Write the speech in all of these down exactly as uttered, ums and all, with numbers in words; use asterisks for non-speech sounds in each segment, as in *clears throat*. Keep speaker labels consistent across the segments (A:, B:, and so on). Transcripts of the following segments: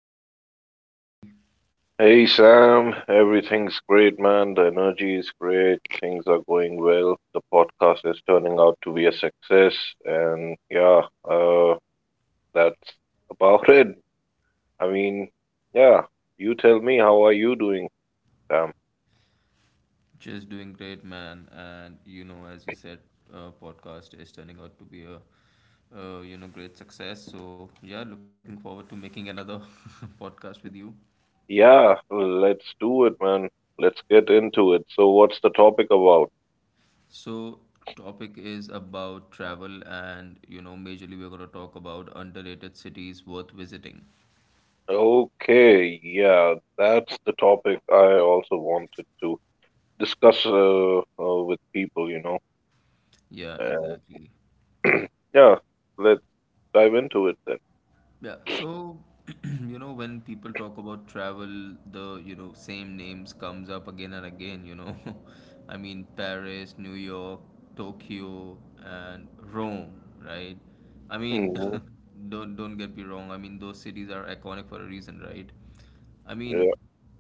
A: episode. How's it going, buddy?
B: Hey Sam, everything's great, man. The energy is great. Things are going well. The podcast is turning out to be a success, and yeah, uh, that's about it. I mean, yeah, you tell me, how are you doing, Sam?
A: Just doing great, man. And you know, as you said, uh, podcast is turning out to be a uh, you know great success. So yeah, looking forward to making another *laughs* podcast with you.
B: Yeah, let's do it, man. Let's get into it. So, what's the topic about?
A: So topic is about travel, and you know, majorly we're gonna talk about underrated cities worth visiting.
B: Okay, yeah, that's the topic I also wanted to discuss uh, uh, with people, you
A: Yeah,
B: know.
A: exactly.
B: Yeah, let's dive into it then.
A: Yeah, so *clears throat* you know when people talk about travel, the you know same names comes up again and again, you know. *laughs* I mean Paris, New York, Tokyo, and Rome, right? I mean,
B: Hmm.
A: *laughs* don't don't get me wrong. I mean those cities are iconic for a reason, right? I
B: Yeah.
A: mean,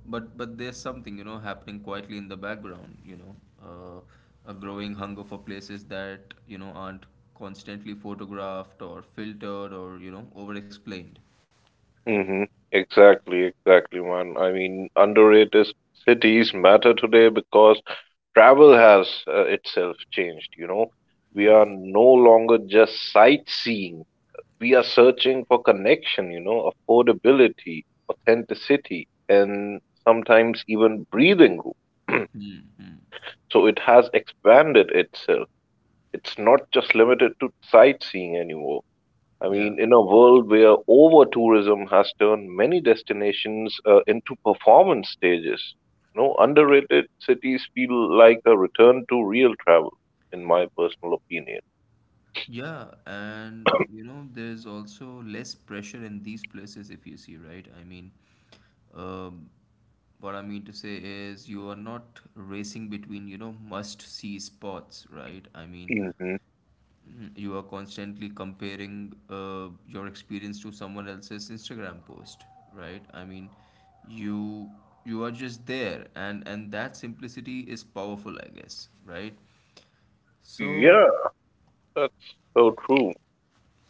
A: but but there's something you know happening quietly in the background. You know, uh, a growing hunger for places that you know aren't constantly photographed or filtered or you know over-explained.
B: Hmm. Exactly, exactly, man. I mean, underrated cities matter today because travel has uh, itself changed, you know. We
A: Yeah.
B: are no longer just sightseeing. We are searching for connection, you know, affordability, authenticity, and sometimes even breathing room.
A: Mm-hmm.
B: *clears throat* So it has expanded itself. It's not just limited to sightseeing anymore. I
A: Yeah.
B: mean, in a world where over tourism has turned many destinations uh, into performance stages, no underrated cities feel like a return to real travel, in my personal opinion.
A: Yeah, and you know, there's also less pressure in these places if you see, right? I mean, um, what I mean to say is you are not racing between, you know, must-see spots, right? I mean,
B: Hmm.
A: Mm, you are constantly comparing uh, your experience to someone else's Instagram post, right? I mean, you you are just there, and and that simplicity is powerful, I guess, right? So,
B: Yeah, that's so true.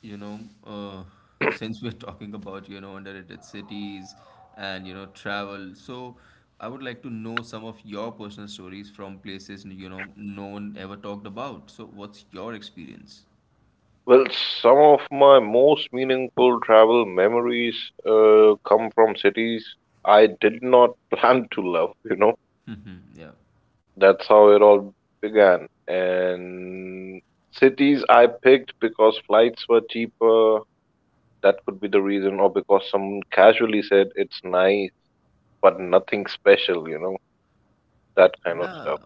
A: you know, uh, since we're *laughs* talking about, you know, underrated cities and, you know, travel, so I would like to know some of your personal stories from places, you know, no one ever talked about. So, what's your experience?
B: Well, some of my most meaningful travel memories uh, come from cities I did not *laughs* plan to love, you know.
A: *laughs* yeah.
B: That's how it all began. And cities I picked because flights were cheaper, that could be the reason, or because someone casually said it's nice, but nothing special, you know, that kind of
A: Yeah.
B: stuff.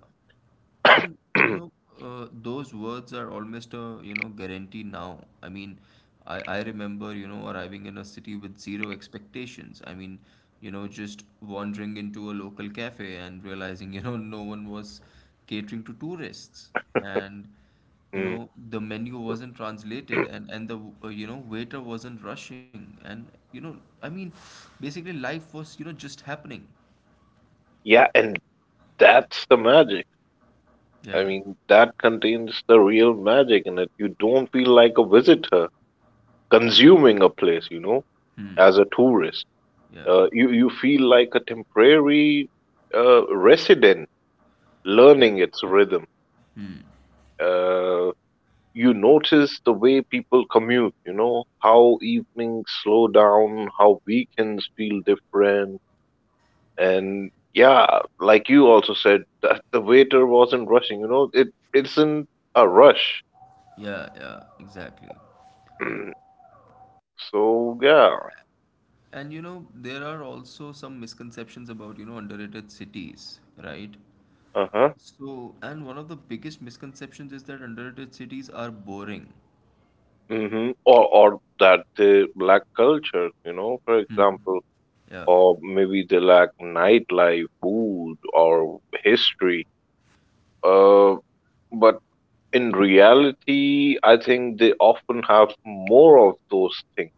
A: And you know,
B: *clears throat*
A: uh, those words are almost a you know guarantee now. I mean, I, I remember you know arriving in a city with zero expectations. I mean, you know, just wandering into a local cafe and realizing *laughs* you know no one was catering to tourists, and you
B: Mm.
A: know the menu wasn't translated, and and the uh, you know waiter wasn't rushing, and you know I mean, basically life was you know just happening.
B: Yeah, and that's the magic. I
A: Yeah.
B: mean, that contains the real magic in it. You don't feel like a visitor consuming a place, you know,
A: Hmm.
B: as a tourist.
A: Yeah.
B: Uh, you, you feel like a temporary uh, resident learning its rhythm. Uh, you notice the way people commute, you know, how evenings slow down, how weekends feel different. And yeah, like you also said, that the waiter wasn't rushing. You know, it isn't a rush.
A: Yeah, yeah, exactly.
B: Mm. So yeah.
A: And you know, there are also some misconceptions about, you know, underrated cities, right?
B: Uh huh.
A: So, and one of the biggest misconceptions is that underrated cities are boring.
B: Mm-hmm. Or or that they lack culture. You know, for
A: Hmm.
B: example,
A: Yeah,
B: or maybe they lack nightlife, food, or history. Uh, but in reality, I think they often have more of those things.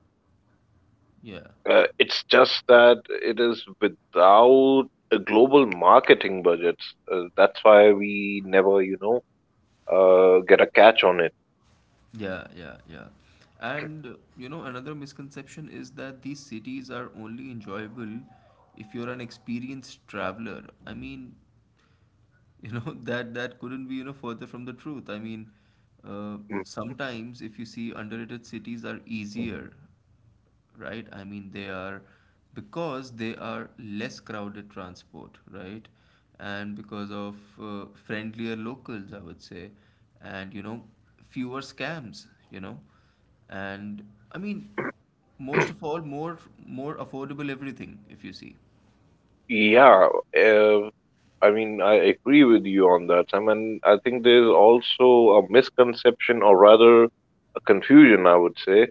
A: yeah,
B: Uh, it's just that it is without a global marketing budgets. Uh, that's why we never, you know, uh, get a catch on it.
A: yeah, yeah, yeah. And uh, you know, another misconception is that these cities are only enjoyable if you're an experienced traveler. I mean, you know *laughs* that that couldn't be you know further from the truth. I mean, uh, sometimes if you see underrated cities are easier, right? I mean, they are because they are less crowded transport, right? And because of uh, friendlier locals, I would say, and you know fewer scams, you know, and I mean, most of all, more more affordable everything if you see.
B: Yeah, uh, I mean, I agree with you on that. I mean, I think there's also a misconception, or rather, a confusion, I would say,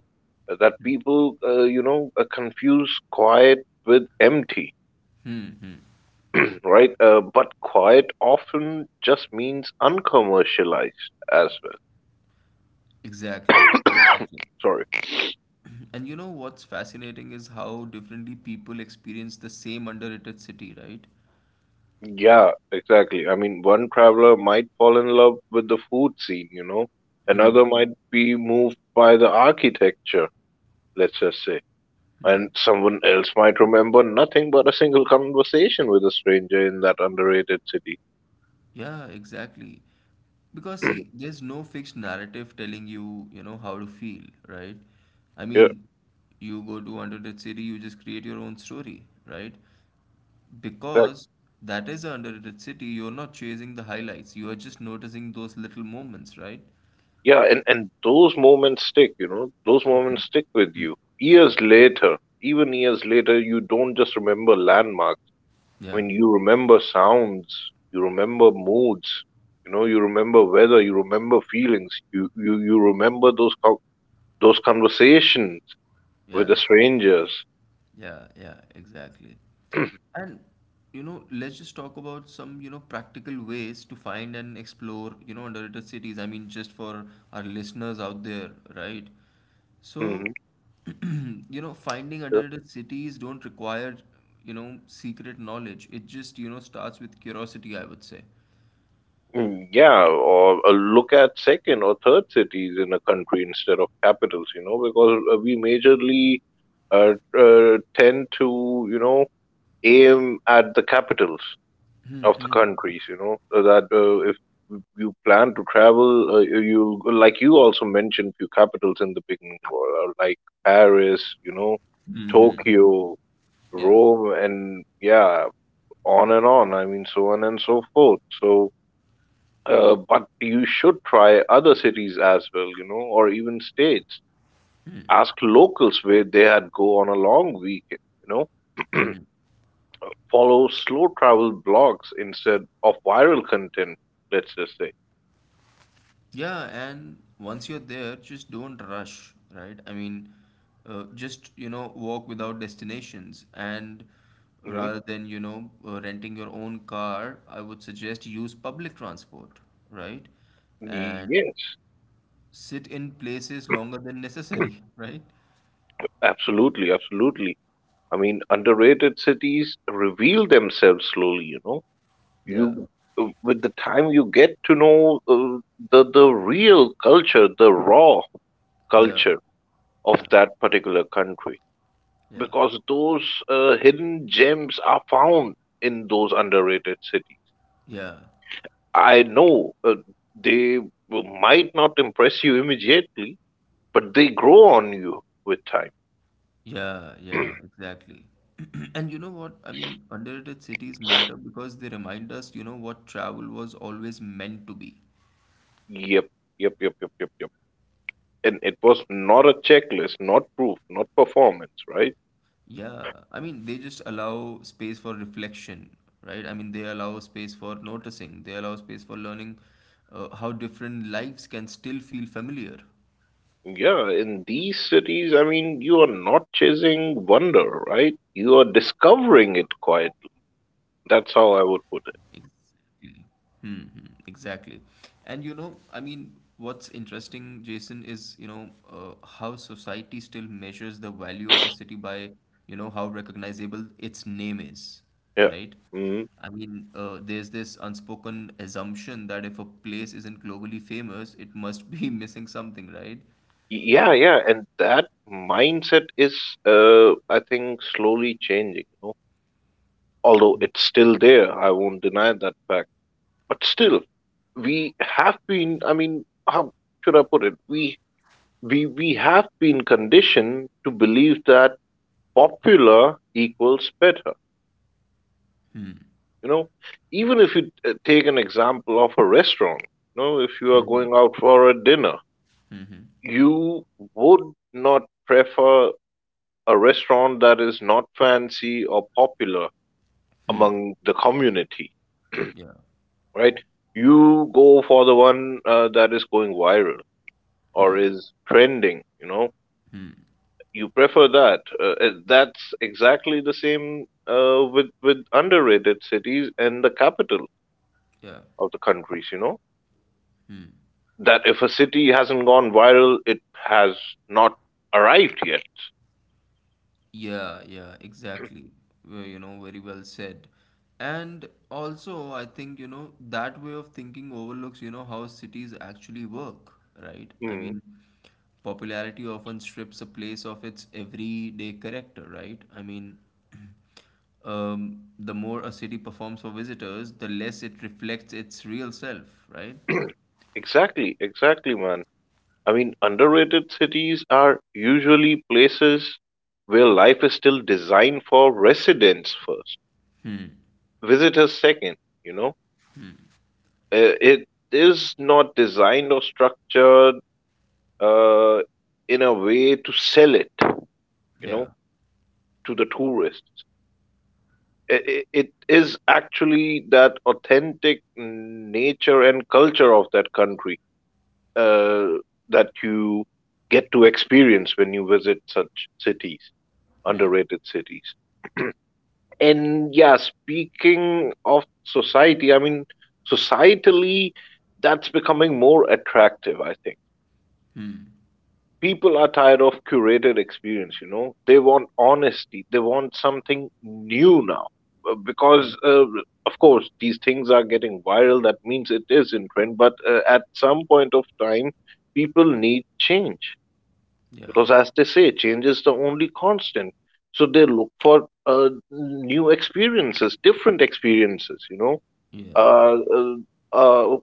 B: that people, uh, you know, uh, confuse quiet with empty,
A: Hmm, hmm.
B: *clears throat* right? Uh, but quiet often just means uncommercialized as well.
A: Exactly,
B: *coughs*
A: exactly.
B: Sorry.
A: And you know what's fascinating is how differently people experience the same underrated city, right?
B: Yeah, exactly. I mean, one traveler might fall in love with the food scene, you know,
A: Hmm.
B: another might be moved by the architecture, let's just say. And someone else might remember nothing but a single conversation with a stranger in that underrated city.
A: Yeah, exactly.
B: *clears throat*
A: Because
B: Yeah,
A: see, there's no fixed narrative telling you, you know, how to feel, right? I mean, you go to underrated city, you just create your own story, right?
B: exactly.
A: Because that is an underrated city, you're not chasing the highlights, you are just noticing those little moments, right?
B: Yeah, and, and those moments stick, you know, those moments stick with
A: Hmm.
B: you. Years later, even years later, you don't just remember landmarks. I
A: Yeah,
B: mean, you remember sounds, you remember moods, you know, you remember weather, you remember feelings, you, you, you remember those, co- those conversations with
A: yeah,
B: the strangers.
A: yeah, yeah, exactly. And you know, let's just talk about some you know practical ways to find and explore you know underrated cities. I mean, just for our listeners out there, right? So,
B: Hmm.
A: *clears throat* you know, finding underrated cities don't require you know secret knowledge. It just you know starts with curiosity, I would say.
B: Mm. Yeah, or uh, look at second or third cities in a country instead of capitals, you know, because uh, we majorly uh, uh, tend to, you know, aim at the capitals of the countries, you know, so that uh, if you plan to travel, uh, you like you also mentioned few capitals in the beginning, or, uh, like Paris, you know,
A: Hmm.
B: Tokyo,
A: Yeah.
B: Rome, and yeah, on and on. I mean, so on and so forth. So uh, but you should try other cities as well, you know, or even states. Ask locals where they had go on a long weekend, you know. *clears throat* Follow slow travel blogs instead of viral content, let's just say.
A: Yeah, and once you're there, just don't rush, right? I mean, uh, just, you know, walk without destinations. And
B: Hmm.
A: rather than, you know, uh, renting your own car, I would suggest use public transport, right? And
B: Yes,
A: sit in places longer than necessary, *laughs* right?
B: absolutely, absolutely. I mean, underrated cities reveal themselves slowly, you know.
A: Yeah,
B: You uh, with the time you get to know uh, the the real culture, the raw
A: yeah,
B: culture of
A: yeah,
B: that particular country.
A: yeah,
B: Because those uh, hidden gems are found in those underrated cities.
A: yeah.
B: I know uh, they might not impress you immediately, but they grow on you with time.
A: Yeah, yeah, exactly. *clears throat* And you know what? I mean, underrated cities matter because they remind us, you know, what travel was always meant to be.
B: Yep, yep, yep, yep, yep, yep. And it was not a checklist, not proof, not performance, right?
A: Yeah, I mean, they just allow space for reflection, right? I mean, they allow space for noticing, they allow space for learning uh, how different lives can still feel familiar.
B: Yeah, in these cities, I mean, you are not chasing wonder, right? You are discovering it quietly. That's how
A: Exactly.
B: I would put it.
A: Hmm, hmm, exactly. And you know, I mean, what's interesting, Jason, is, you know, uh, how society still measures the value of a city by, you know, how recognizable its name is,
B: Yeah.
A: right?
B: Mm-hmm.
A: I mean, uh, there's this unspoken assumption that if a place isn't globally famous, it must be *laughs* missing something, right?
B: Yeah, yeah, and that mindset is, uh, I think, slowly changing. You know? Although
A: But
B: it's still there, I won't deny that fact. But still, we have been. I mean, how should I put it? We we we have been conditioned to believe that popular equals better. You know, even if you t- take an example of a restaurant. You know, if you are going out for a dinner, you would not prefer a restaurant that is not fancy or popular among the community,
A: yeah,
B: right? You go for the one uh, that is going viral or is trending, you know. You prefer that. Uh, uh, that's exactly the same uh, with with underrated cities and the capital
A: yeah.
B: of the countries, you know. That if a city hasn't gone viral, it has not arrived yet.
A: Yeah, yeah, exactly. Well, you know, very well said. And also, I think, you know, that way of thinking overlooks, you know, how cities actually work, right? I
B: Mm.
A: mean, popularity often strips a place of its everyday character, right? I mean, *clears throat* um, the more a city performs for visitors, the less it reflects its real self, right?
B: Exactly, exactly, man. I mean, underrated cities are usually places where life is still designed for residents first, visitors second, you know. Uh, it is not designed or structured uh, in a way to sell it, you
A: Yeah.
B: know, to the tourists. I- i- It is actually that authentic nature and culture of that country uh, that you get to experience when you visit such cities,
A: Hmm.
B: underrated cities. And yeah, speaking of society, I mean, societally, that's becoming more attractive, I think.
A: Hmm.
B: People are tired of curated experience, you know. They want honesty, they want something new now. Uh, Because, uh, of course, these things are getting viral, that means it is in trend, but uh, at some point of time, people need change
A: Yeah.
B: because as they say change is the only constant, so they look for uh, new experiences, different experiences, you know.
A: Yeah.
B: uh, uh, uh,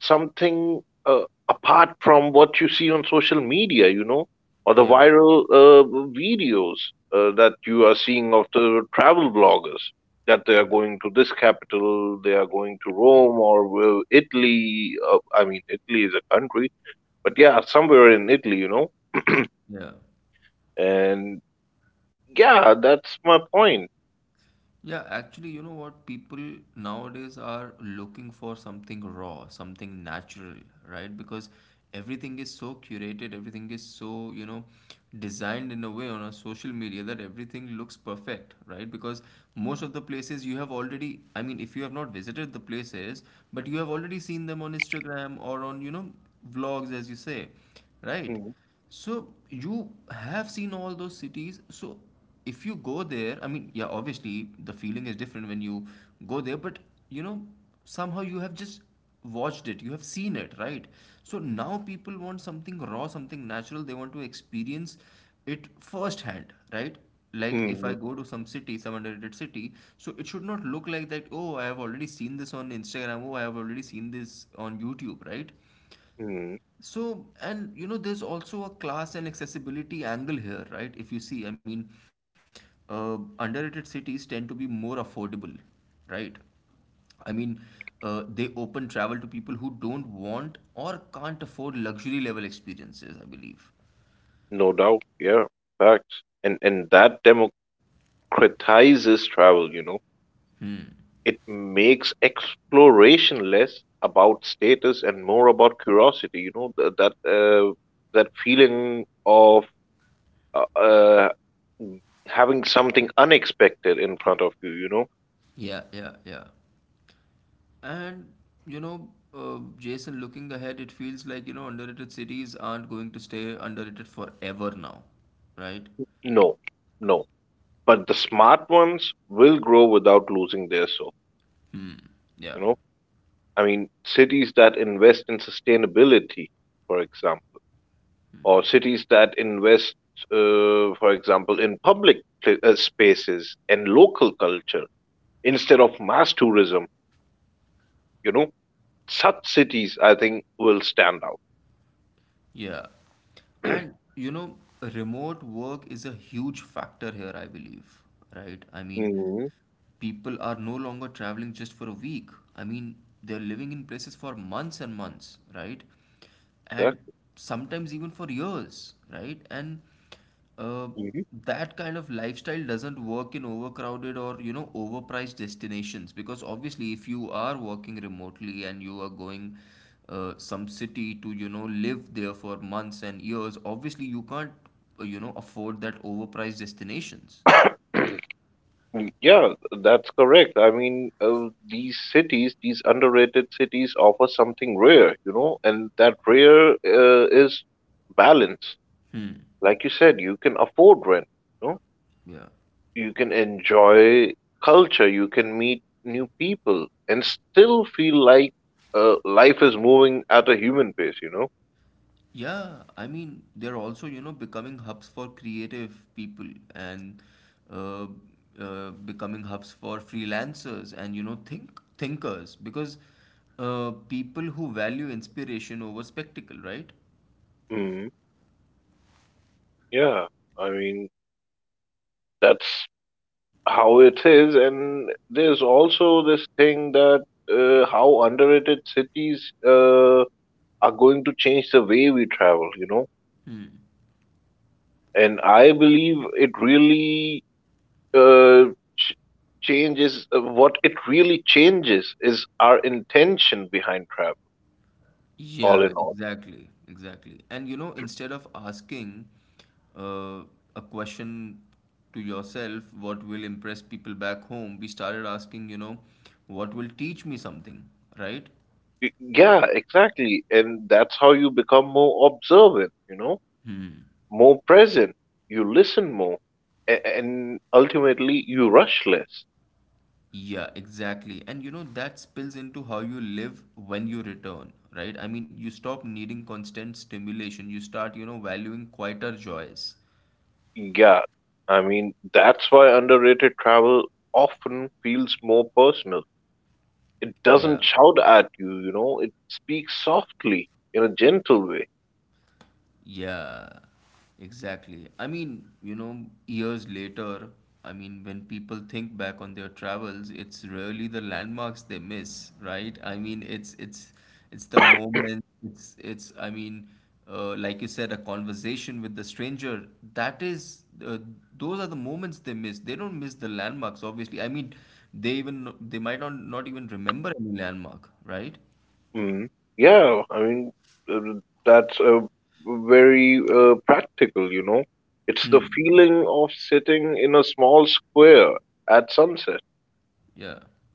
B: something uh, apart from what you see on social media, you know, or the
A: Yeah.
B: viral uh, videos uh, that you are seeing of the travel bloggers that they are
A: Yeah.
B: going to this capital, they are going to Rome or will Italy, uh, I mean Italy is a country, but yeah, somewhere in Italy, you know.
A: Yeah.
B: And yeah, that's my point.
A: Yeah, actually, you know what? People nowadays are looking for something raw, something natural, right? Because everything is so curated, everything is so, you know, designed in a way on a social media that everything looks perfect, right? Because most of the places you have already, I mean, if you have not visited the places, but you have already seen them on Instagram or on, you know, vlogs, as you say, right?
B: Mm,
A: So you have seen all those cities. So if you go there, I mean, yeah, obviously the feeling is different when you go there, but you know, somehow you have just watched it, you have seen it, right? So now people want something raw, something natural. They want to experience it firsthand, right? Like if
B: mm,
A: I go to some city, some underrated city, so it should not look like that, oh, I have already seen this on Instagram, oh, I have already seen this on YouTube, right?
B: mm,
A: So, and you know, there's also a class and accessibility angle here, right? If you see, I mean, uh, underrated cities tend to be more affordable, right? I mean, uh, they open travel to people who don't want or can't afford luxury level experiences, I believe.
B: no doubt. Yeah, facts. And and that democratizes travel, you know. It makes exploration less about status and more about curiosity, you know, th- that uh, that feeling of uh, uh, having something unexpected in front of you, you know.
A: Yeah, yeah, yeah. And, you know, uh, Jason, looking ahead, it feels like, you know, underrated cities aren't going to stay underrated forever now, right?
B: No. No. But the smart ones will grow without losing their soul,
A: Hmm,
B: you
A: yeah.
B: know. I mean, cities that invest in sustainability, for example, or cities that invest, uh, for example, in public pla uh, spaces and local culture instead of mass tourism, you know, such cities I think will stand out.
A: Yeah. And
B: *clears throat*
A: you know, remote work is a huge factor here, I believe, right? I mean,
B: Hmm.
A: people are no longer traveling just for a week. I mean, they're living in places for months and months, right? And
B: Exactly.
A: sometimes even for years, right? And uh,
B: Mhm.
A: that kind of lifestyle doesn't work in overcrowded or you know overpriced destinations, because obviously if you are working remotely and you are going uh, some city to you know live there for months and years, obviously you can't uh, you know afford that overpriced destinations.
B: Mm. Yeah, that's correct. I mean, uh, these cities, these underrated cities, offer something rare, you know, and that rare uh, is balance.
A: Hmm.
B: Like you said, you can afford rent, you know,
A: Yeah.
B: you can enjoy culture, you can meet new people, and still feel like uh, life is moving at a human pace, you know?
A: Yeah, I mean, they're also, you know, becoming hubs for creative people and uh, uh, becoming hubs for freelancers and, you know, think thinkers because uh, people who value inspiration over spectacle, right?
B: Hmm. Yeah, I mean, that's how it is. And there's also this thing that uh, how underrated cities uh, are going to change the way we travel, you know?
A: Hmm.
B: And I believe it really uh, ch- changes uh, what it really changes is our intention behind travel all
A: Yeah,
B: in all.
A: exactly, exactly. And you know, instead of asking uh, a question to yourself, what will impress people back home, we started asking, you know, what will teach me something, right?
B: Y- yeah, exactly, and that's how you become more observant, you know, more present, you listen more, a- and ultimately you rush less.
A: Yeah, exactly. And you know, that spills into how you live when you return, right? I mean, you stop needing constant stimulation. You start, you know, valuing quieter joys.
B: Yeah, I mean, that's why underrated travel often feels more personal, it
A: Yeah.
B: doesn't shout at you, you know, it speaks softly, in a gentle way.
A: Yeah, exactly. I mean, you know, years later, I mean, when people think back on their travels, it's rarely the landmarks they miss, right? I mean, it's it's it's the moment. It's it's. I mean, uh, like you said, a conversation with the stranger. That is, uh, those are the moments they miss. They don't miss the landmarks, obviously. I mean, they even they might not not even remember any landmark, right?
B: Mm. Yeah, I mean, uh, that's uh, very uh, practical, you know. It's the
A: Hmm.
B: feeling of sitting in a small square at sunset,
A: Yeah.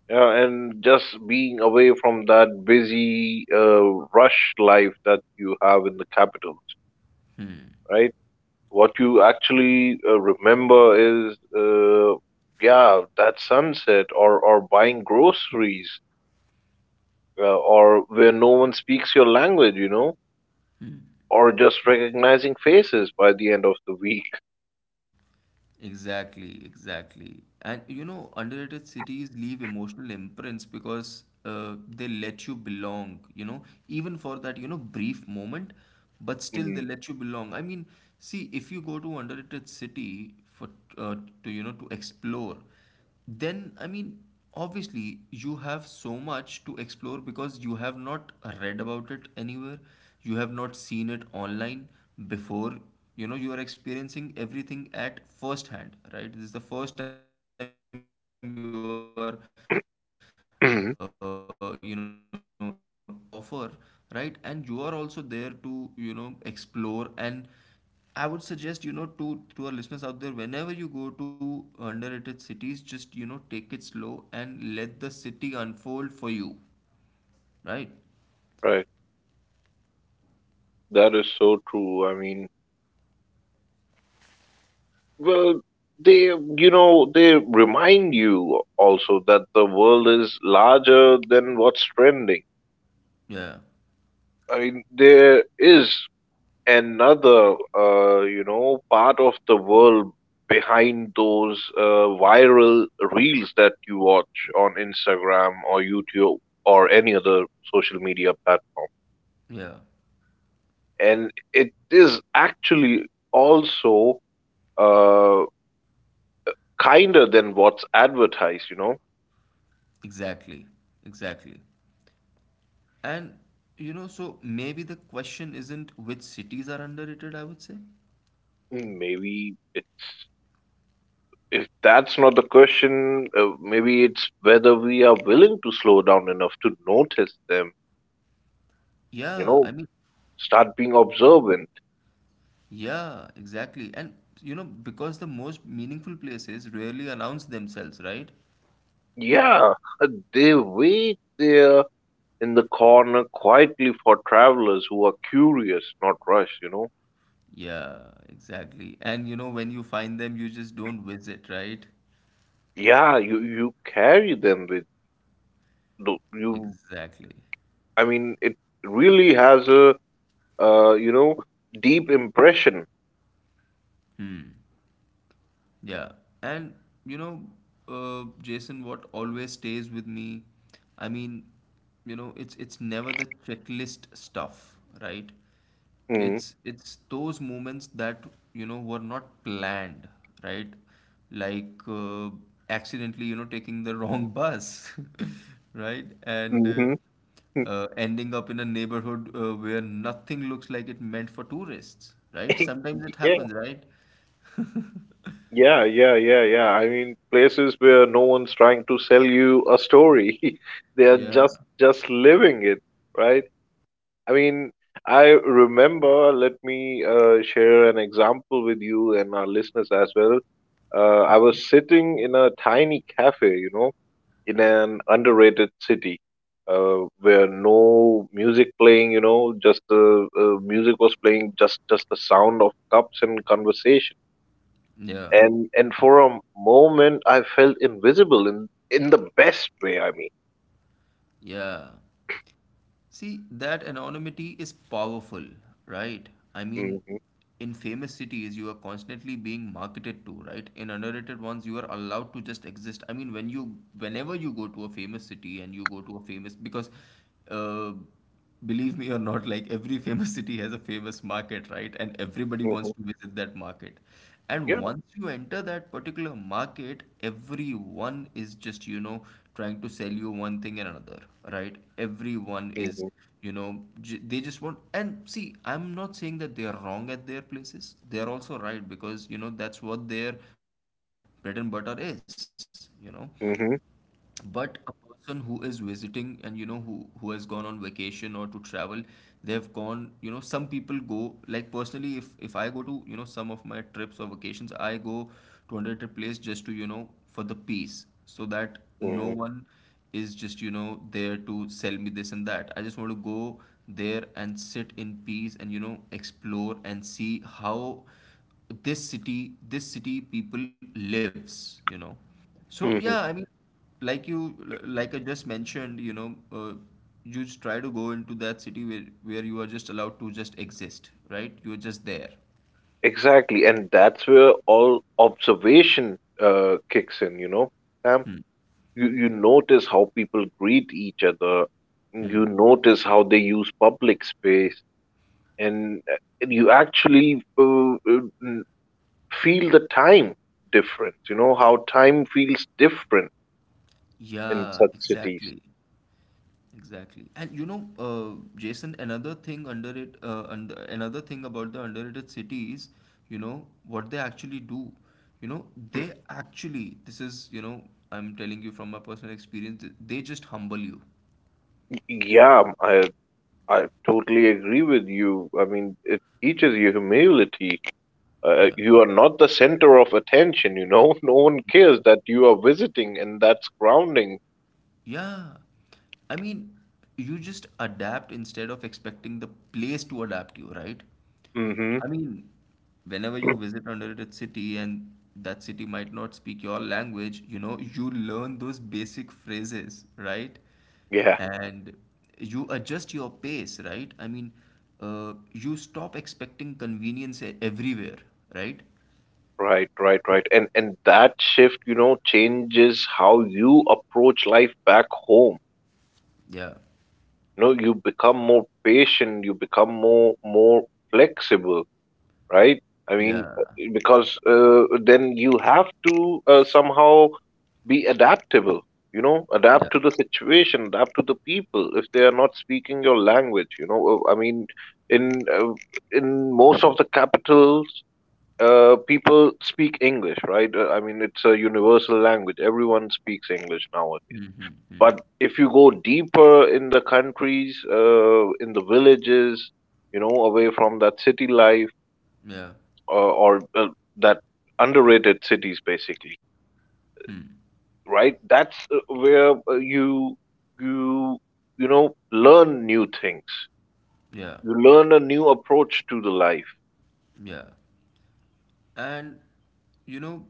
B: yeah, and just being away from that busy, uh, rush life that you have in the capitals, right? What you actually uh, remember is, uh, yeah, that sunset or or buying groceries uh, or where no one speaks your language, you know, or just recognizing faces by the end of the week.
A: Exactly, exactly. And you know, underrated cities leave emotional imprints because uh, they let you belong, you know, even for that, you know, brief moment, but still they
B: Mm.
A: let you belong. I mean, see, if you go to underrated city for uh, to, you know, to explore, then I mean, obviously, you have so much to explore because you have not read about it anywhere, you have not seen it online before. You know, you are experiencing everything at first hand, right? This is the first time you are, uh, you know, visiting this city. And then
B: *clears throat*
A: that city has a lot to offer, right? And you are also there to, you know, explore, and I would suggest, you know, to to our listeners out there, whenever you go to underrated cities, just you know, take it slow and let the city unfold for you, right?
B: Right. That is so true. I mean, well, they, you know, they remind you also that the world is larger than what's trending.
A: Yeah,
B: I mean, there is another, uh, you know, part of the world behind those uh, viral reels that you watch on Instagram or YouTube or any other social media platform.
A: yeah,
B: And it is actually also uh, kinder than what's advertised you know
A: exactly, exactly. And you know, so maybe the question isn't which cities are underrated. I would say,
B: Mm, maybe it's if that's not the question, uh, maybe it's whether we are willing to slow down enough to notice them, you
A: yeah,
B: know,
A: I mean,
B: start being observant.
A: yeah, exactly. And you know, because the most meaningful places rarely announce themselves, right?
B: Yeah, uh, they wait there in the corner quietly for travelers who are curious, not rushed you know
A: Yeah, exactly. And you know, when you find them, you just don't visit, right?
B: Yeah, you you carry them with tho- you
A: Exactly.
B: I mean, it really has a, uh, you know deep impression.
A: Yeah. And you know, uh, Jason, what always stays with me, I mean, you know, it's it's never the checklist stuff, right?
B: Mm.
A: It's it's those moments that, you know, were not planned, right? Like uh, accidentally, you know, taking the wrong bus, *laughs* right? And uh,
B: Hmm.
A: uh, ending up in a neighborhood uh, where nothing looks like it meant for tourists, right? Sometimes it
B: Yeah,
A: happens, right?
B: yeah, yeah, yeah, yeah. I mean, places where no one's trying to sell you a story, *laughs* they are
A: Yeah,
B: just just living it, right? I mean, I remember. Let me uh, share an example with you and our listeners as well. Uh, I was sitting in a tiny cafe, you know, in an underrated city, uh, where no music playing, you know, just the, uh, music was playing, just just the sound of cups and conversation.
A: yeah,
B: And and for a moment, I felt invisible in in the best way. I mean,
A: yeah. See, that anonymity is powerful, right? I mean,
B: hmm.
A: in famous cities, you are constantly being marketed to, right? In underrated ones, you are allowed to just exist. I mean, when you, whenever you go to a famous city and you go to a famous, because uh, believe me or not, like every famous city has a famous market, right? And everybody wants
B: Hmm.
A: to visit that market. And
B: Yeah.
A: once you enter that particular market, everyone is just, you know, trying to sell you one thing and another, right? Everyone is,
B: Hmm.
A: you know, j- they just want. And see, I'm not saying that they are wrong at their places. They are also right because, you know, that's what their bread and butter is, you know.
B: Hmm.
A: But a person who is visiting and you know who who has gone on vacation or to travel, they have gone, you know, some people go like personally if if I go to, you know, some of my trips or vacations, I go to another place just to, you know, for the peace so that no
B: Hmm.
A: one is just, you know, there to sell me this and that. I just want to go there and sit in peace and, you know, explore and see how this city this city people lives, you know. So yeah, I
B: Hmm.
A: mean, like you, like I just mentioned, you know, uh, you just try to go into that city where where you are just allowed to just exist, right? You're just there.
B: Exactly. And that's where all observation uh, kicks in. You know, Sam,
A: Hmm.
B: you, you
A: Yeah.
B: notice how people greet each other,
A: Hmm.
B: you notice how they use public space, and, uh, and you actually uh, uh, n- feel the time difference, you know, how time feels different in
A: Yeah,
B: such cities.
A: exactly. Exactly. And you know, uh, Jason, another thing under it, uh, under, another thing about the underrated cities, you know, what they actually do, you know, they actually, this is, you know, I'm telling you from my personal experience, they just humble you.
B: Y- yeah, i i totally agree with you. I mean, it teaches you humility. Uh,
A: Yeah.
B: you are not the center of attention, you know. *laughs* No one cares that you are visiting, and that's grounding.
A: Yeah. I mean, you just adapt instead of expecting the place to adapt you, right?
B: Mhm.
A: I mean, whenever you
B: *clears throat*
A: visit another city and that city might not speak your language, you know, you learn those basic phrases, right?
B: Yeah.
A: And you adjust your pace, right? I mean, uh, you stop expecting convenience e- everywhere, right?
B: Right, right, right. And and that shift, you know, changes how you approach life back home.
A: Yeah.
B: You know, you become more patient, you become more more flexible, right? I mean, uh,
A: Yeah.
B: because, uh, then you have to, uh, somehow be adaptable, you know, adapt
A: Yeah.
B: to the situation, adapt to the people if they are not speaking your language, you know. Uh, I mean, in, uh, in most of the capitals, uh, people speak English, right? Uh, I mean, it's a universal language. Everyone speaks English nowadays.
A: Mm-hmm. Mm-hmm.
B: But if you go deeper in the countries, uh, in the villages, you know, away from that city life,
A: Yeah.
B: uh, or, uh, that underrated cities, basically,
A: Hmm.
B: right? That's, uh, where, uh, you you you know learn new things.
A: Yeah.
B: You learn a new approach to the life.
A: Yeah. And you know,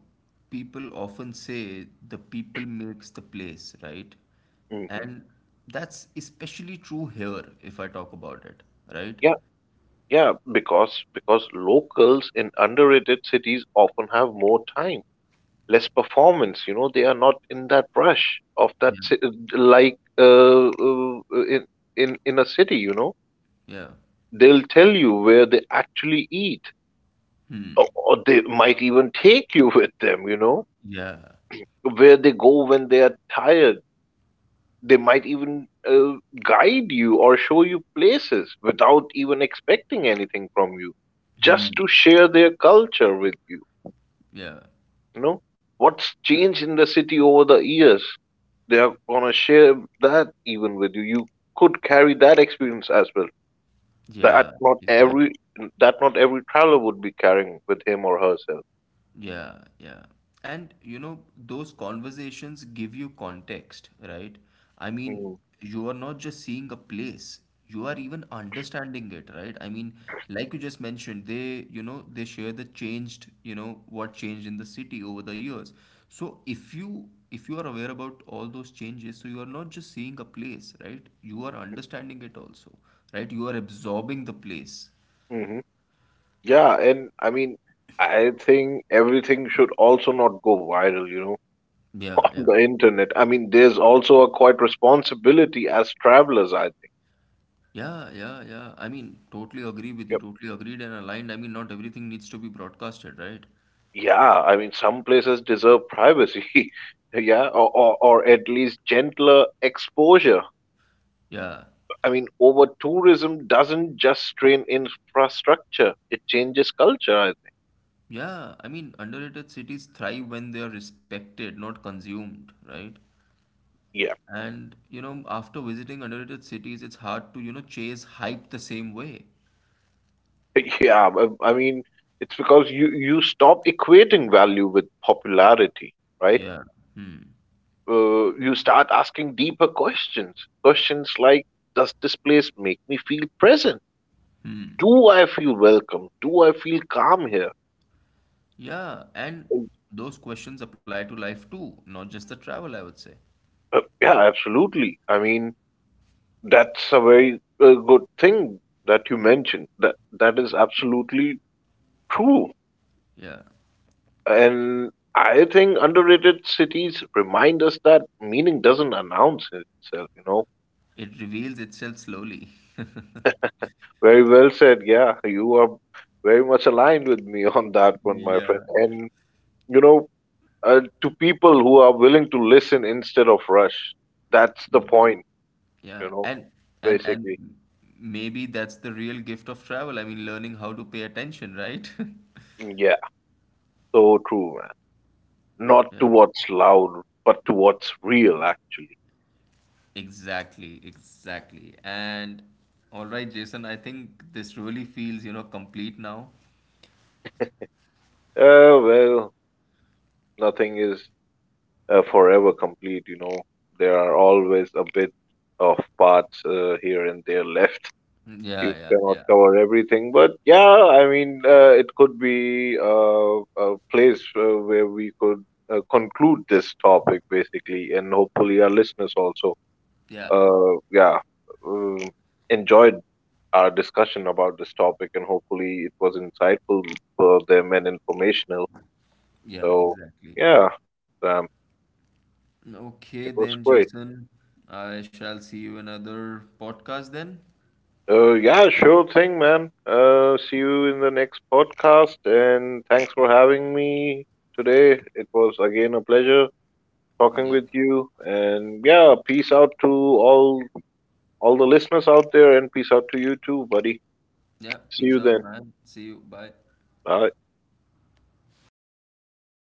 A: people often say the people makes the place, right?
B: Hmm.
A: And that's especially true here if I talk about it, right?
B: Yeah. Yeah, because because locals in underrated cities often have more time, less performance. You know, they are not in that rush of that
A: Yeah.
B: ci- like, uh, uh, in in in a city. You know,
A: Yeah.
B: they'll tell you where they actually eat,
A: Hmm.
B: or, or they might even take you *laughs* with them. You know,
A: Yeah.
B: where they go when they are tired. They might even, uh, guide you or show you places without even expecting anything from you,
A: Hmm.
B: just to share their culture with you.
A: Yeah.
B: You know, what's changed in the city over the years? They are going to share that even with you. You could carry that experience as well. That
A: Yeah.
B: not
A: Exactly.
B: every that not every traveler would be carrying with him or herself.
A: Yeah, yeah. And you know, those conversations give you context, right? I mean, you are not just seeing a place, you are even understanding it, right? I mean, like you just mentioned, they, you know, they share the changed, you know, what changed in the city over the years. So if you if you are aware about all those changes, so you are not just seeing a place, right? You are understanding it also, right? You are absorbing the place.
B: Mm-hmm. Yeah, and I mean, I think everything should also not go viral, you know,
A: Yeah,
B: *laughs* on
A: yeah.
B: the internet. I mean, there's also a quite responsibility as travelers, I think.
A: Yeah, yeah, yeah. I mean, totally agree with you, totally agreed and aligned. I mean, not everything needs to be broadcasted, right?
B: Yeah, I mean, some places deserve privacy. *laughs* Yeah, or, or, or at least gentler exposure.
A: Yeah.
B: I mean, over tourism doesn't just strain infrastructure, it changes culture, I think.
A: Yeah, I mean, underrated cities thrive when they are respected, not consumed, right?
B: Yeah.
A: And, you know, after visiting underrated cities, it's hard to, you know, chase hype the same way.
B: *laughs* Yeah, I I mean, it's because you, you stop equating value with popularity, right?
A: Yeah. Hmm.
B: Uh, you start asking deeper questions. Questions like, does this place make me feel present?
A: Hmm.
B: Do I feel welcome? Do I feel calm here?
A: Yeah, and those questions apply to life too, not just the travel, I would say.
B: Uh, yeah, absolutely. I mean, that's a very, uh, good thing that you mentioned. That that is absolutely true.
A: Yeah.
B: And I think underrated cities remind us that meaning doesn't announce itself, you know.
A: It reveals itself slowly. *laughs*
B: Very well said. Yeah, you are very much aligned with me *laughs* on that one, my friend.
A: Yeah.
B: And you know, uh, to people who are willing to listen instead of rush, that's the
A: Yeah.
B: point,
A: Yeah,
B: you know,
A: and and
B: basically.
A: and maybe that's the real gift of travel. I mean, learning how to pay attention, right? *laughs*
B: Mm. Yeah, so true, man.
A: Yeah,
B: Not to what's loud, but to what's real, actually.
A: exactly, exactly. And all right, Jason, I think this really feels, you know, complete now.
B: Uh, well, nothing is, uh, forever complete, you know. There are always a bit of parts, uh, here and there left.
A: Yeah,
B: You
A: yeah,
B: cannot
A: yeah.
B: cover everything, but yeah, I mean, uh, it could be, uh, a place, uh, where we could, uh, conclude this topic basically, and hopefully our listeners also,
A: Yeah,
B: Uh, yeah, um, enjoyed our discussion about this topic, and hopefully it was insightful for them and informational.
A: yeah,
B: So,
A: exactly.
B: yeah, Sam,
A: Okay,
B: it
A: then,
B: was great.
A: Jason, I shall see you in another podcast then.
B: Uh, yeah, sure thing, man. Uh, see you in the next podcast, and thanks for having me today. It was again a pleasure
A: Yeah,
B: talking with you, and yeah, peace out to all all the listeners out there, and peace out to you too, buddy.
A: yeah.
B: See
A: Peace
B: you
A: out,
B: then.
A: man. See you. Bye.
B: Bye.